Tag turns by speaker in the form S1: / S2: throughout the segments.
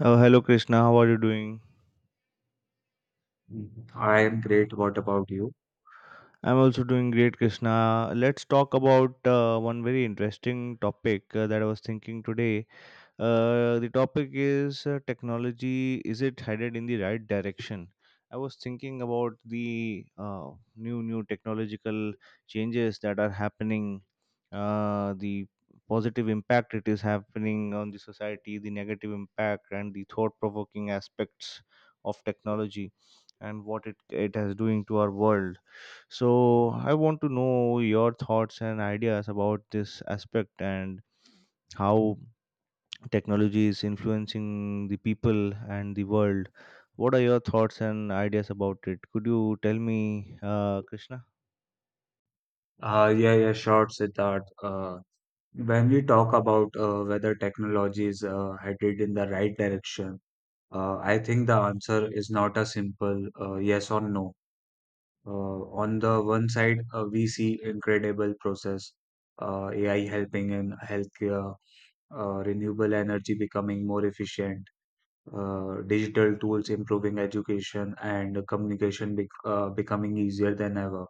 S1: Hello, Krishna. How are you doing?
S2: I am great. What about you?
S1: I'm also doing great, Krishna. Let's talk about one very interesting topic that I was thinking today. The topic is technology. Is it headed in the right direction? I was thinking about the new technological changes that are happening, the positive impact it is happening on the society, the negative impact, and the thought provoking aspects of technology, and what it is doing to our world. So I want to know your thoughts and ideas about this aspect and how technology is influencing the people and the world. What are your thoughts and ideas about it? Could you tell me, Krishna?
S2: Yeah, yeah, sure, Siddharth. When we talk about whether technology is headed in the right direction, I think the answer is not a simple yes or no. On the one side, we see incredible process, AI helping in healthcare, renewable energy becoming more efficient, digital tools improving education, and communication becoming easier than ever.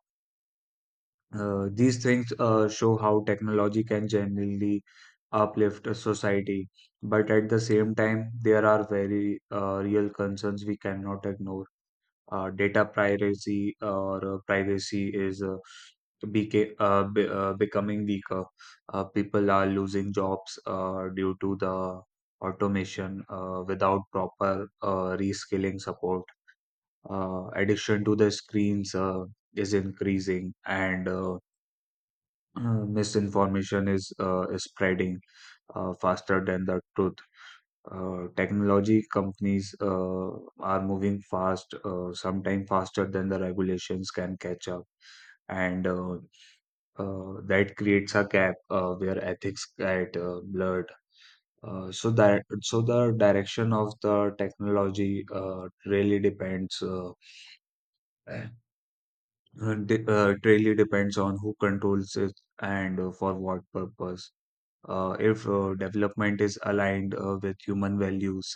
S2: These things show how technology can generally uplift a society, but at the same time, there are very real concerns we cannot ignore. Data privacy or privacy is becoming weaker. People are losing jobs due to the automation without proper reskilling support. Addiction to the screens is increasing, and misinformation is spreading faster than the truth. Technology companies are moving fast, sometimes faster than the regulations can catch up. And that creates a gap where ethics get blurred. So that so the direction of the technology really depends uh, it really depends on who controls it and for what purpose. If development is aligned with human values,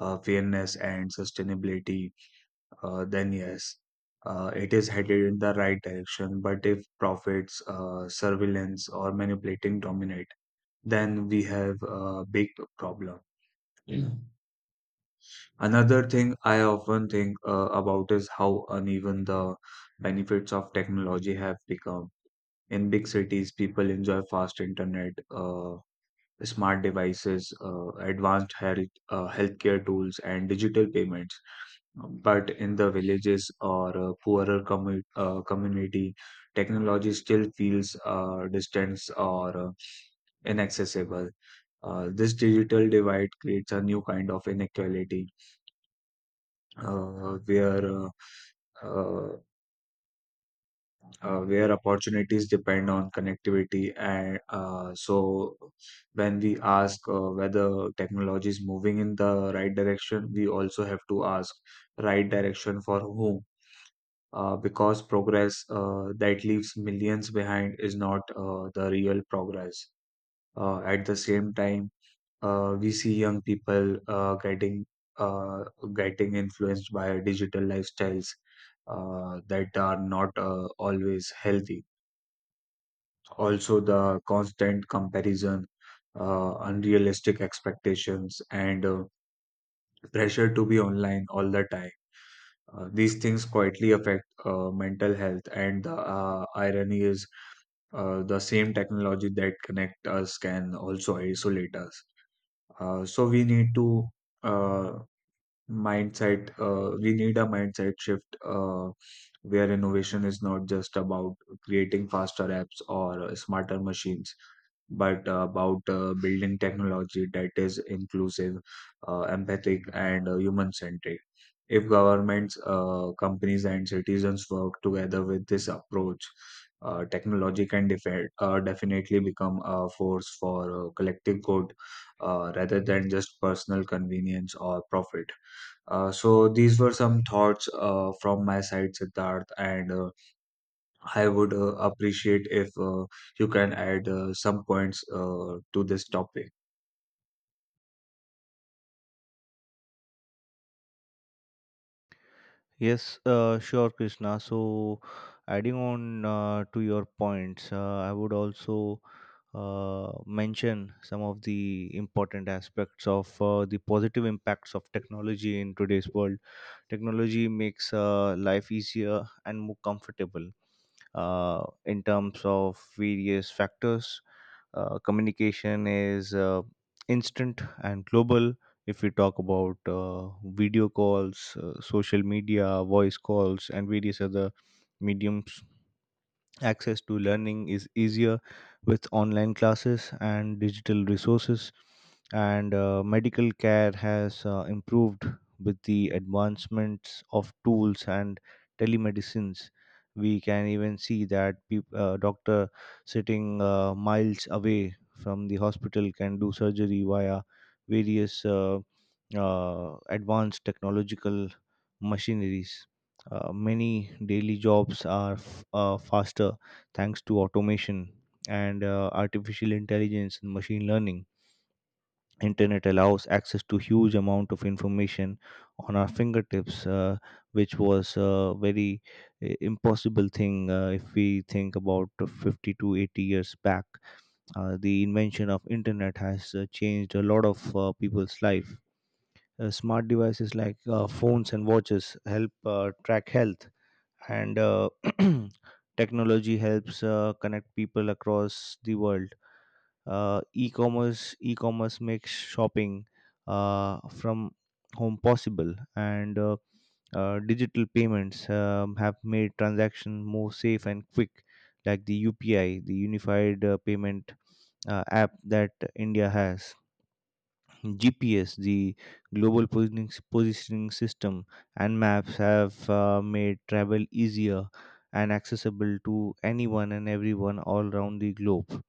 S2: fairness, and sustainability, then yes, it is headed in the right direction. But if profits, surveillance, or manipulating dominate, then we have a big problem. Mm. Another thing I often think about is how uneven the benefits of technology have become. In big cities, people enjoy fast internet. Smart devices, advanced healthcare tools, and digital payments. But in the villages or poorer community, technology still feels distant or inaccessible. This digital divide creates a new kind of inequality uh, where uh, uh, where opportunities depend on connectivity. And So, when we ask whether technology is moving in the right direction, we also have to ask right direction for whom. Because progress that leaves millions behind is not the real progress. At the same time, we see young people uh, getting influenced by digital lifestyles that are not always healthy. Also, the constant comparison, unrealistic expectations, and pressure to be online all the time. These things quietly affect mental health, and the irony is the same technology that connect us can also isolate us. So we need to uh, mindset. We need a mindset shift where innovation is not just about creating faster apps or smarter machines but about building technology that is inclusive, empathic, and human centric. If governments, companies, and citizens work together with this approach, technology can definitely become a force for collective good rather than just personal convenience or profit. So these were some thoughts from my side, Siddharth, and I would appreciate if you can add some points to this topic.
S1: Yes, sure, Krishna. So, adding on to your points, I would also mention some of the important aspects of the positive impacts of technology in today's world. Technology makes life easier and more comfortable in terms of various factors. Communication is instant and global if we talk about video calls, social media, voice calls, and various other mediums. Access to learning is easier with online classes and digital resources, and medical care has improved with the advancements of tools and telemedicines. We can even see that doctor sitting miles away from the hospital can do surgery via various advanced technological machineries. Many daily jobs are faster thanks to automation and artificial intelligence and machine learning. Internet allows access to huge amount of information on our fingertips, which was a very impossible thing if we think about 50 to 80 years back. The invention of internet has changed a lot of people's life. Smart devices like phones and watches help track health, and technology helps connect people across the world. E-commerce makes shopping from home possible, and digital payments have made transactions more safe and quick, like the UPI, the unified payment app that India has. GPS, the global positioning system, and maps have made travel easier and accessible to anyone and everyone all around the globe.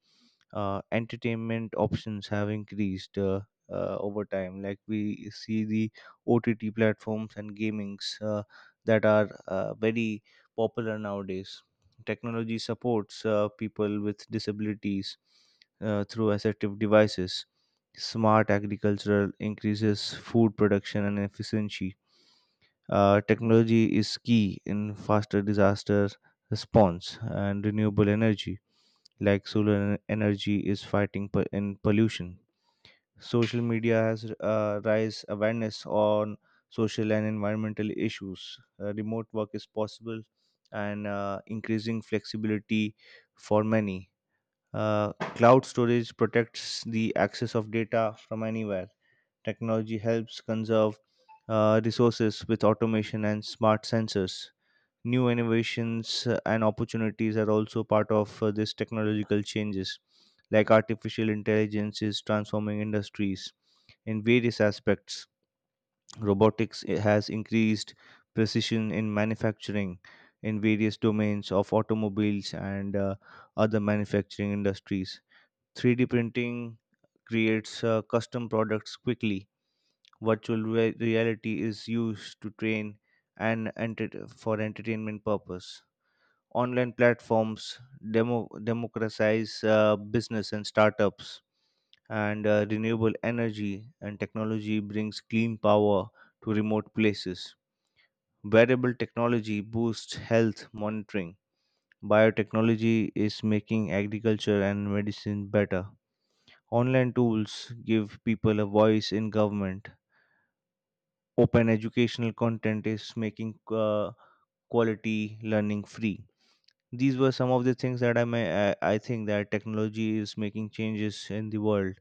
S1: Entertainment options have increased over time, like we see the OTT platforms and gamings that are very popular nowadays. Technology supports people with disabilities through assistive devices. Smart agricultural increases food production and efficiency. Technology is key in faster disaster response, and renewable energy, like solar energy, is fighting in pollution. Social media has raised awareness on social and environmental issues. Remote work is possible, and increasing flexibility for many. Cloud storage protects the access of data from anywhere. Technology helps conserve resources with automation and smart sensors. New innovations and opportunities are also part of these technological changes, like artificial intelligence is transforming industries in various aspects. Robotics has increased precision in manufacturing in various domains of automobiles and other manufacturing industries. 3D printing creates custom products quickly. Virtual reality is used to train and for entertainment purpose. Online platforms democratize business and startups, and renewable energy and technology brings clean power to remote places. Wearable technology boosts health monitoring. Biotechnology is making agriculture and medicine better. Online tools give people a voice in government. Open educational content is making quality learning free. These were some of the things that I think that technology is making changes in the world.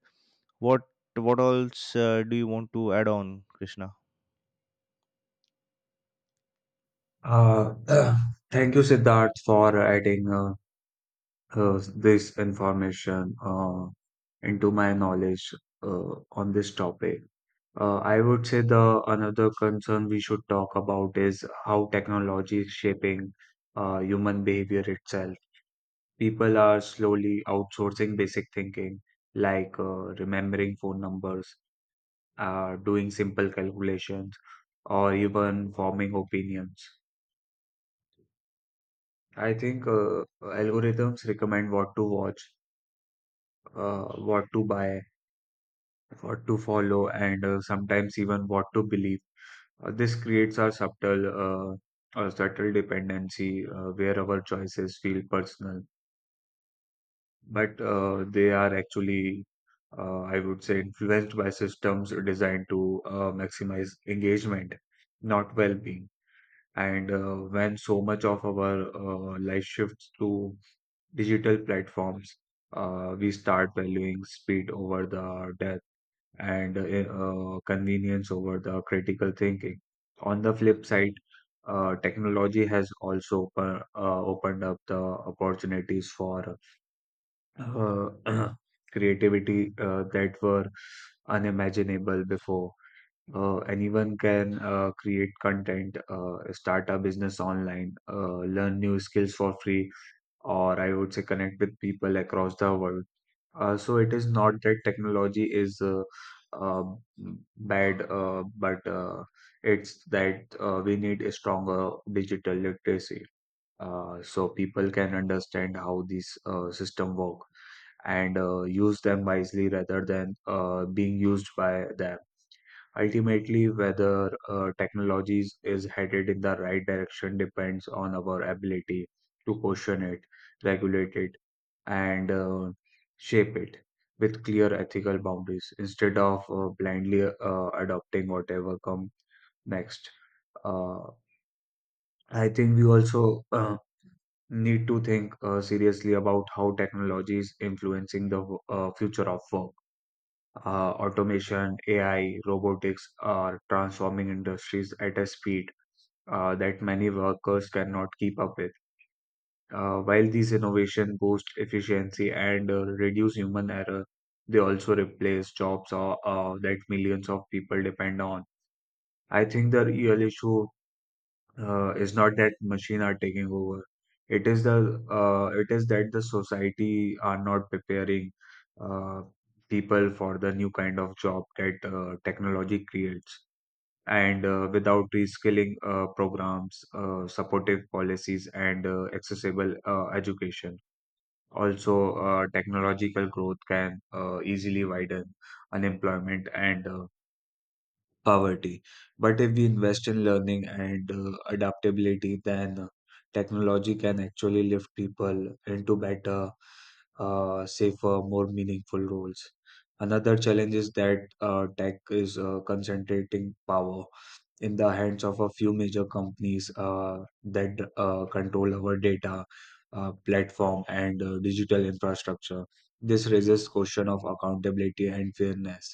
S1: What what else do you want to add on, Krishna?
S2: Uh, Thank you, Siddharth, for adding this information into my knowledge on this topic. I would say the another concern we should talk about is how technology is shaping human behavior itself. People are slowly outsourcing basic thinking, like remembering phone numbers, doing simple calculations, or even forming opinions. I think algorithms recommend what to watch, what to buy, what to follow, and sometimes even what to believe. This creates a subtle dependency where our choices feel personal, but they are actually, I would say, influenced by systems designed to maximize engagement, not well-being. And when so much of our life shifts to digital platforms, we start valuing speed over the depth and convenience over the critical thinking. On the flip side, technology has also opened up the opportunities for uh, creativity that were unimaginable before. Anyone can create content, start a business online, learn new skills for free, or I would say connect with people across the world. So it is not that technology is uh, bad, but it's that we need a stronger digital literacy. So people can understand how these system work and use them wisely rather than being used by them. Ultimately, whether technology is headed in the right direction depends on our ability to question it, regulate it, and shape it with clear ethical boundaries instead of blindly adopting whatever comes next. Uh, I think we also need to think seriously about how technology is influencing the future of work. Automation, AI, robotics are transforming industries at a speed that many workers cannot keep up with. While these innovations boost efficiency and reduce human error, they also replace jobs that millions of people depend on. I think the real issue is not that machine are taking over. It is the it is that the society are not preparing uh, people for the new kind of job that technology creates and without reskilling programs, supportive policies, and accessible education. Also technological growth can easily widen unemployment and poverty. But if we invest in learning and adaptability, then technology can actually lift people into better, safer, more meaningful roles. Another challenge is that tech is concentrating power in the hands of a few major companies that control our data, platform, and digital infrastructure. This raises question of accountability and fairness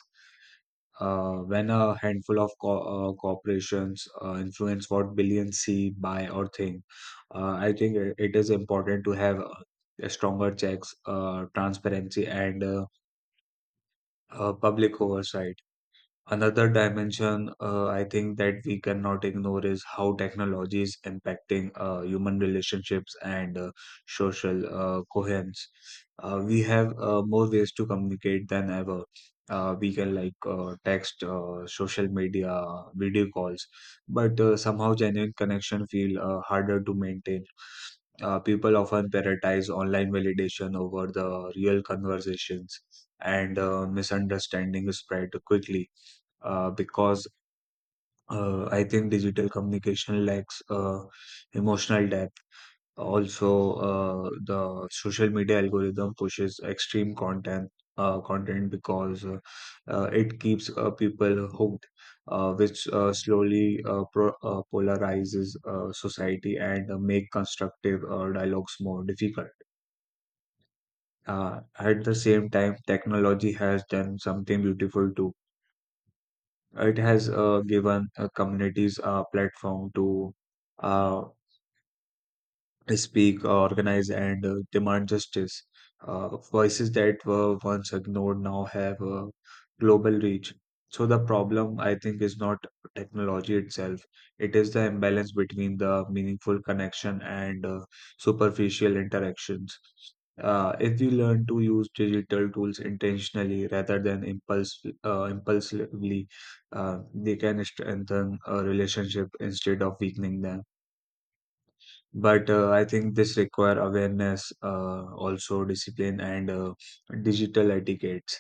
S2: when a handful of corporations influence what billions see, buy, or think. I think it is important to have stronger checks, transparency, and public oversight. Another dimension I think that we cannot ignore is how technology is impacting human relationships and social coherence. We have more ways to communicate than ever. We can like text, social media, video calls, but somehow genuine connection feel harder to maintain. People often prioritize online validation over the real conversations, and misunderstanding is spread quickly because I think digital communication lacks emotional depth. Also, the social media algorithm pushes extreme content because it keeps people hooked, which slowly pro polarizes society and make constructive dialogues more difficult. At the same time, technology has done something beautiful too. It has given communities a platform to uh, they speak, organize, and demand justice. Voices that were once ignored now have a global reach. So, the problem, I think, is not technology itself, it is the imbalance between the meaningful connection and superficial interactions. If we learn to use digital tools intentionally rather than impulsively, they can strengthen a relationship instead of weakening them, but I think this require awareness, also discipline and digital etiquette.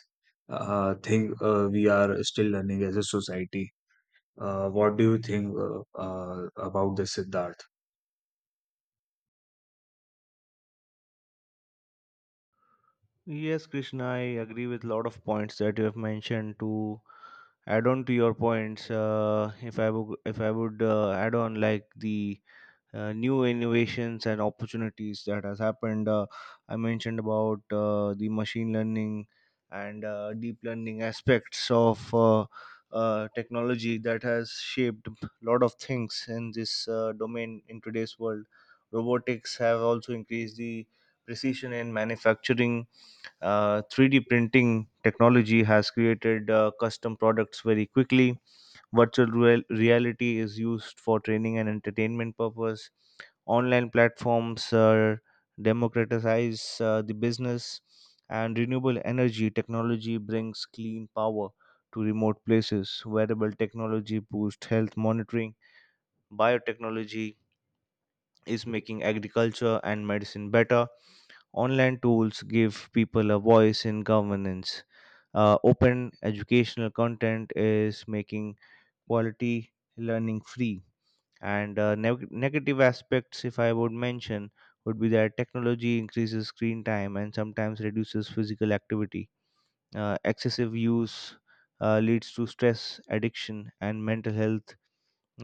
S2: Think we are still learning as a society. What do you think about this, siddharth?
S1: Yes, Krishna, I agree with a lot of points that you have mentioned. To add on to your points, if I would add on like the new innovations and opportunities that has happened. I mentioned about the machine learning and deep learning aspects of technology that has shaped a lot of things in this domain in today's world. Robotics have also increased the precision in manufacturing. 3D printing technology has created custom products very quickly. Virtual reality is used for training and entertainment purpose. Online platforms democratize the business, and renewable energy technology brings clean power to remote places. Wearable technology boosts health monitoring. Biotechnology is making agriculture and medicine better. Online tools give people a voice in governance. Open educational content is making quality learning free. And negative aspects, if I would mention, would be that technology increases screen time and sometimes reduces physical activity. Excessive use leads to stress addiction and mental health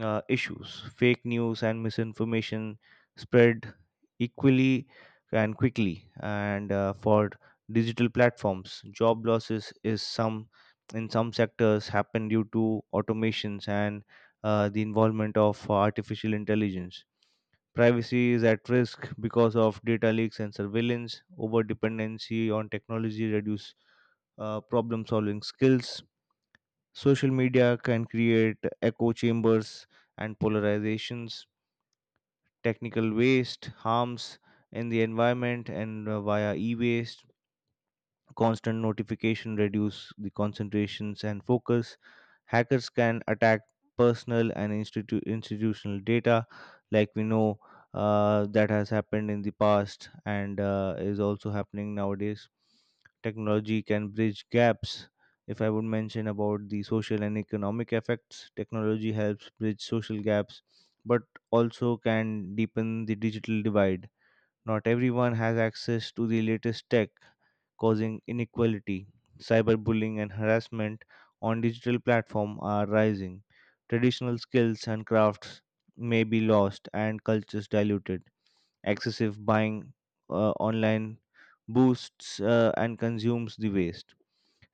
S1: issues. Fake news and misinformation spread equally and quickly. And for digital platforms, job losses is some in some sectors happen due to automations and the involvement of artificial intelligence. Privacy is at risk because of data leaks and surveillance. Over dependency on technology reduce problem solving skills. Social media can create echo chambers and polarizations, technical waste harms in the environment, and via e waste constant notification reduce the concentrations and focus. Hackers can attack personal and institutional data, like we know, that has happened in the past and is also happening nowadays. Technology can bridge gaps. If I would mention about the social and economic effects, technology helps bridge social gaps, but also can deepen the digital divide. Not everyone has access to the latest tech, causing inequality. Cyberbullying and harassment on digital platforms are rising. Traditional skills and crafts may be lost and cultures diluted. Excessive buying online boosts and consumes the waste.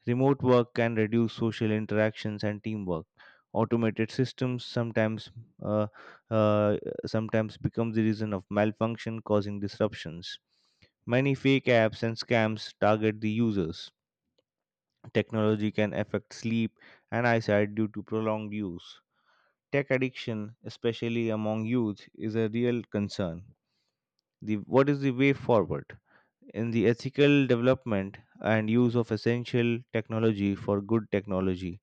S1: Remote work can reduce social interactions and teamwork. Automated systems uh, uh, sometimes become the reason of malfunction, causing disruptions. Many fake apps and scams target the users. Technology can affect sleep and eyesight due to prolonged use. Tech addiction, especially among youth, is a real concern. What is the way forward? In the ethical development and use of essential technology for good technology.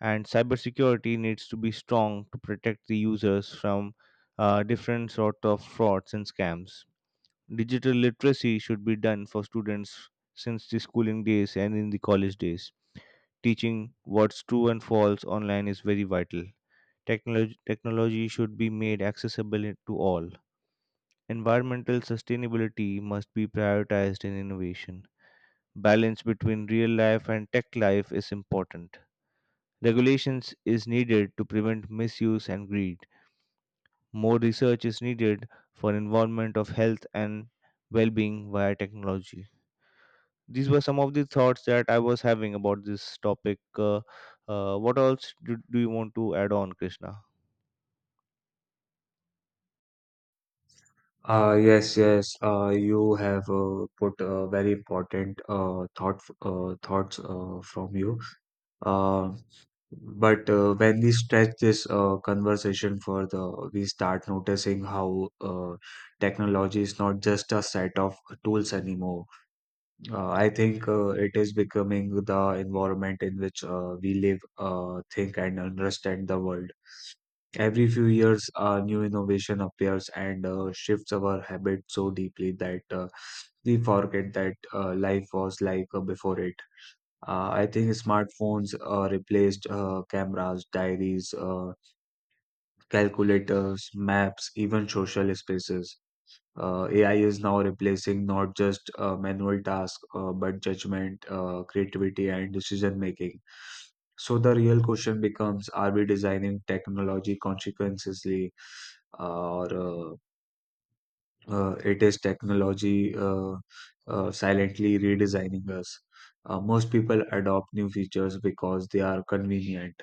S1: And cybersecurity needs to be strong to protect the users from different sort of frauds and scams. Digital literacy should be done for students since the schooling days and in the college days. Teaching what's true and false online is very vital. Technology should be made accessible to all. Environmental sustainability must be prioritized in innovation. Balance between real life and tech life is important. Regulations is needed to prevent misuse and greed. More research is needed for involvement of health and well-being via technology. These were some of the thoughts that I was having about this topic. What else do you want to add on, Krishna?
S2: Uh, yes, yes, you have put a very important thoughts from you. Uh, but when we stretch this conversation further, we start noticing how technology is not just a set of tools anymore. I think it is becoming the environment in which we live, think, and understand the world. Every few years, a new innovation appears and shifts our habits so deeply that we forget that life was like before it. I think smartphones replaced cameras, diaries, calculators, maps, even social spaces. AI is now replacing not just manual tasks, but judgment, creativity, and decision making. So the real question becomes: Are we designing technology consequently, or it is technology silently redesigning us? Most people adopt new features because they are convenient,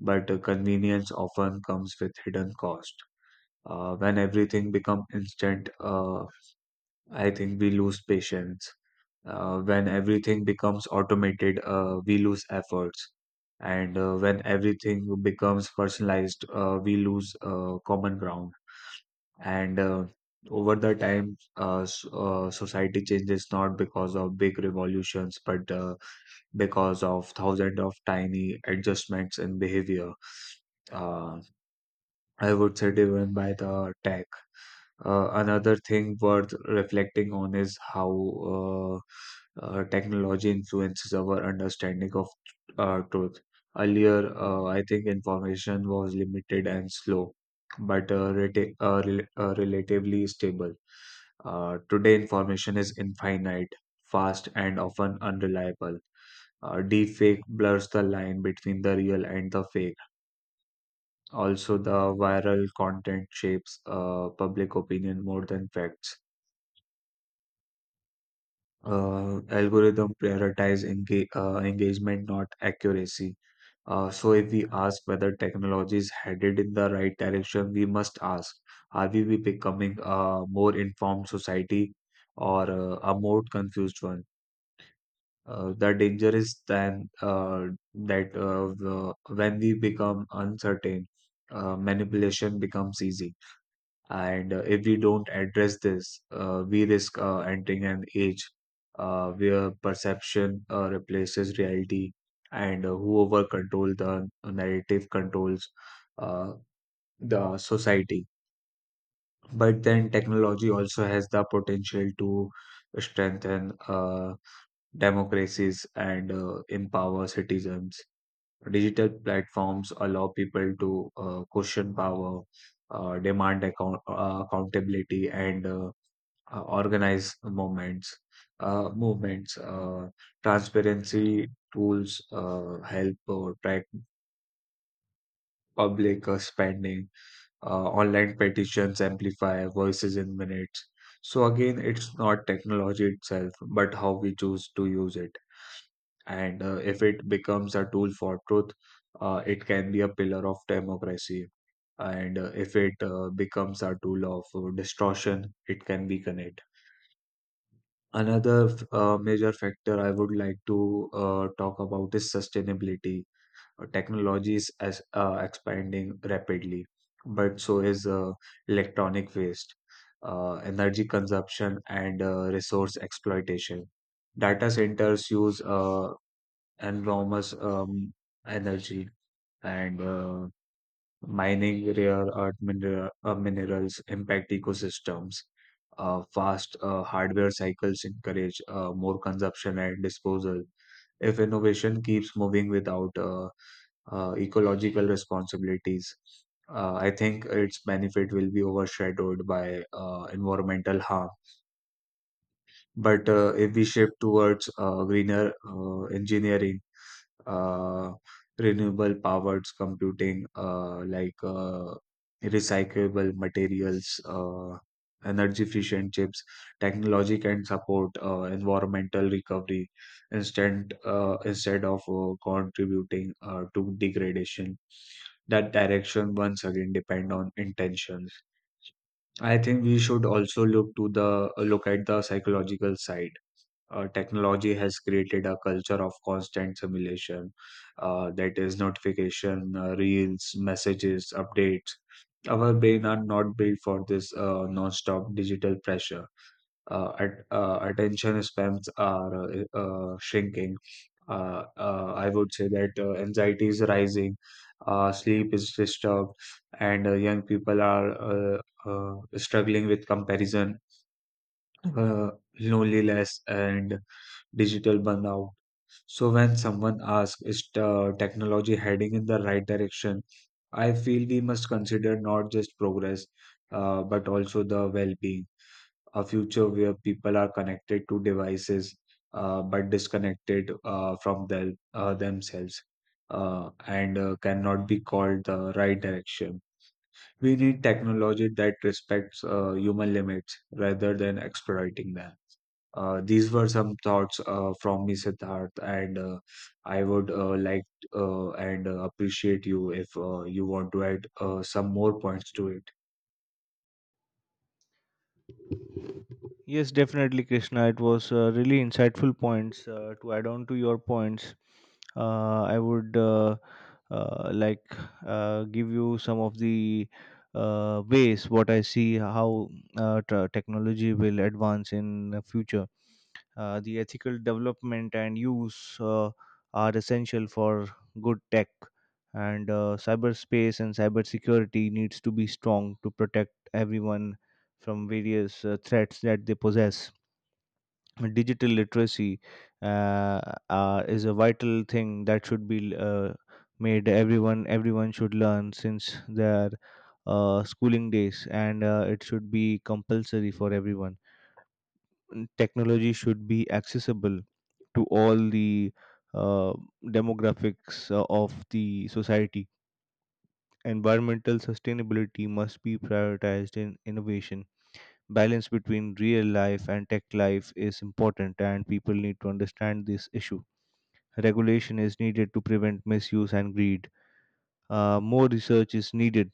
S2: but convenience often comes with hidden cost. When everything becomes instant, I think we lose patience. When everything becomes automated, we lose efforts. And When everything becomes personalized, we lose common ground and over the time, society changes not because of big revolutions but because of thousands of tiny adjustments in behavior, uh, I would say driven by the tech. Another thing worth reflecting on is how uh, technology influences our understanding of truth. Earlier, I think information was limited and slow, but relatively stable. Today, information is infinite, fast, and often unreliable. Deepfake blurs the line between the real and the fake. Also, the viral content shapes public opinion more than facts. Algorithm prioritize engagement, not accuracy. So, if we ask whether technology is headed in the right direction, we must ask: are we be becoming a more informed society or a more confused one? The danger is then that when we become uncertain, manipulation becomes easy. And If we don't address this, we risk entering an age where perception replaces reality, and whoever control the narrative controls uh, the society. But then technology also has the potential to strengthen democracies and empower citizens. Digital platforms allow people to question power, demand accountability, and organize moments, movements, transparency tools help track public spending, online petitions amplify voices in minutes. So again, it's not technology itself, but how we choose to use it. And If it becomes a tool for truth, it can be a pillar of democracy. And If it becomes a tool of distortion, it can weaken it. Another major factor I would like to talk about is sustainability. Technology is expanding rapidly, but so is electronic waste, energy consumption, and resource exploitation. Data centers use enormous energy, and mining rare earth minerals impact ecosystems. Fast hardware cycles encourage more consumption and disposal. If innovation keeps moving without ecological responsibilities, I think its benefit will be overshadowed by environmental harm. But if we shift towards greener engineering, uh, renewable powered computing, like recyclable materials, energy efficient chips. Technology can support environmental recovery instead of contributing to degradation. That direction once again depend on intentions. I think we should also look at the psychological side. Technology has created a culture of constant simulation, that is notification, reels, messages, updates. Our brain are not built for this non-stop digital pressure. Attention spans are shrinking, I would say that anxiety is rising, sleep is disturbed, and young people are struggling with comparison, uh, loneliness and digital burnout. So when someone asks, is the technology heading in the right direction? I feel we must consider not just progress, but also the well-being. A future where people are connected to devices, but disconnected from themselves, and cannot be called the right direction. We need technology that respects human limits rather than exploiting them. These were some thoughts from me, Siddharth, and I would like and appreciate you if you want to add some more points to it.
S1: Yes, definitely, Krishna. It was really insightful points to add on to your points. I would like give you some of the ways what I see how technology will advance in the future. The ethical development and use are essential for good tech, and cyberspace and cybersecurity needs to be strong to protect everyone from various threats that they possess. Digital literacy uh, is a vital thing that should be made. Everyone should learn since their schooling days, and it should be compulsory for everyone. Technology should be accessible to all the uh, demographics of the society. Environmental sustainability must be prioritized in innovation. Balance between real life and tech life is important, and people need to understand this issue. Regulation is needed to prevent misuse and greed. More research is needed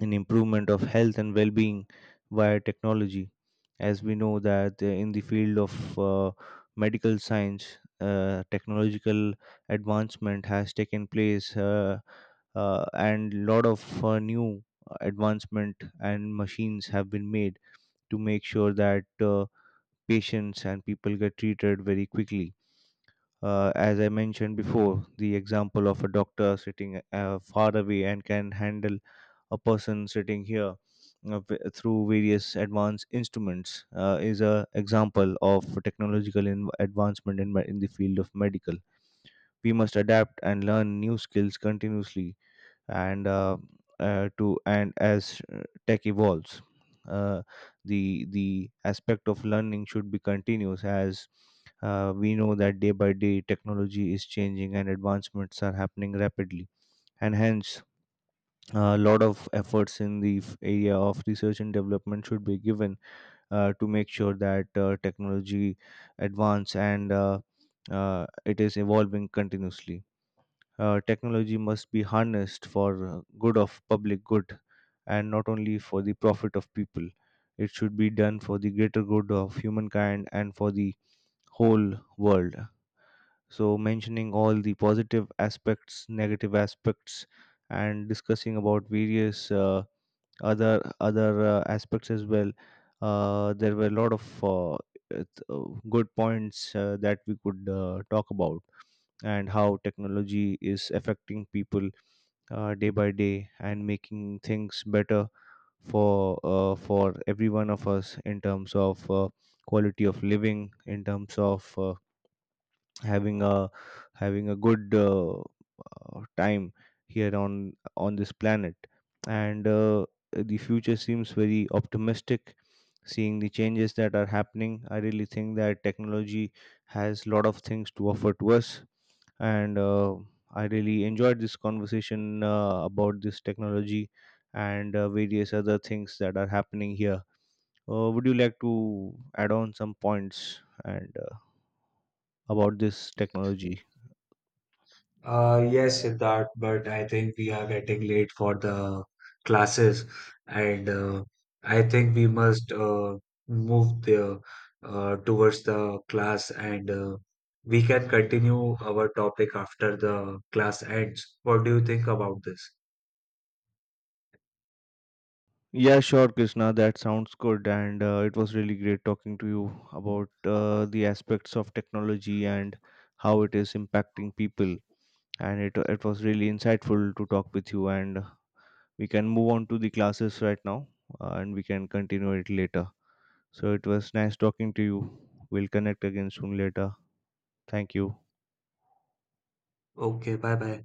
S1: in improvement of health and well-being via technology, as we know that in the field of uh, medical science, technological advancement has taken place, and lot of new advancement and machines have been made to make sure that patients and people get treated very quickly. As I mentioned before, the example of a doctor sitting far away and can handle a person sitting here through various advanced instruments is a example of technological advancement in the field of medical. We must adapt and learn new skills continuously, and to and as tech evolves. uh, the aspect of learning should be continuous, as we know that day by day technology is changing and advancements are happening rapidly, and hence a lot of efforts in the area of research and development should be given to make sure that technology advance and it is evolving continuously. Technology must be harnessed for good of public good and not only for the profit of people. It should be done for the greater good of humankind and for the whole world. So mentioning all the positive aspects, negative aspects, and discussing about various other other aspects as well, there were a lot of good points that we could talk about, and how technology is affecting people day by day and making things better for every one of us in terms of quality of living, in terms of having a having a good time here on this planet. And the future seems very optimistic. Seeing the changes that are happening, I really think that technology has a lot of things to offer to us. And I really enjoyed this conversation about this technology and various other things that are happening here. Would you like to add on some points and about this technology?
S2: Yes, Siddharth, but I think we are getting late for the classes, and I think we must move there towards the class, and we can continue our topic after the class ends. What do you think about this?
S1: Yeah, sure, Krishna. That sounds good. And it was really great talking to you about the aspects of technology and how it is impacting people. And it was really insightful to talk with you. And we can move on to the classes right now, and we can continue it later. So it was nice talking to you. We'll connect again soon later. Thank you.
S2: Okay, bye bye.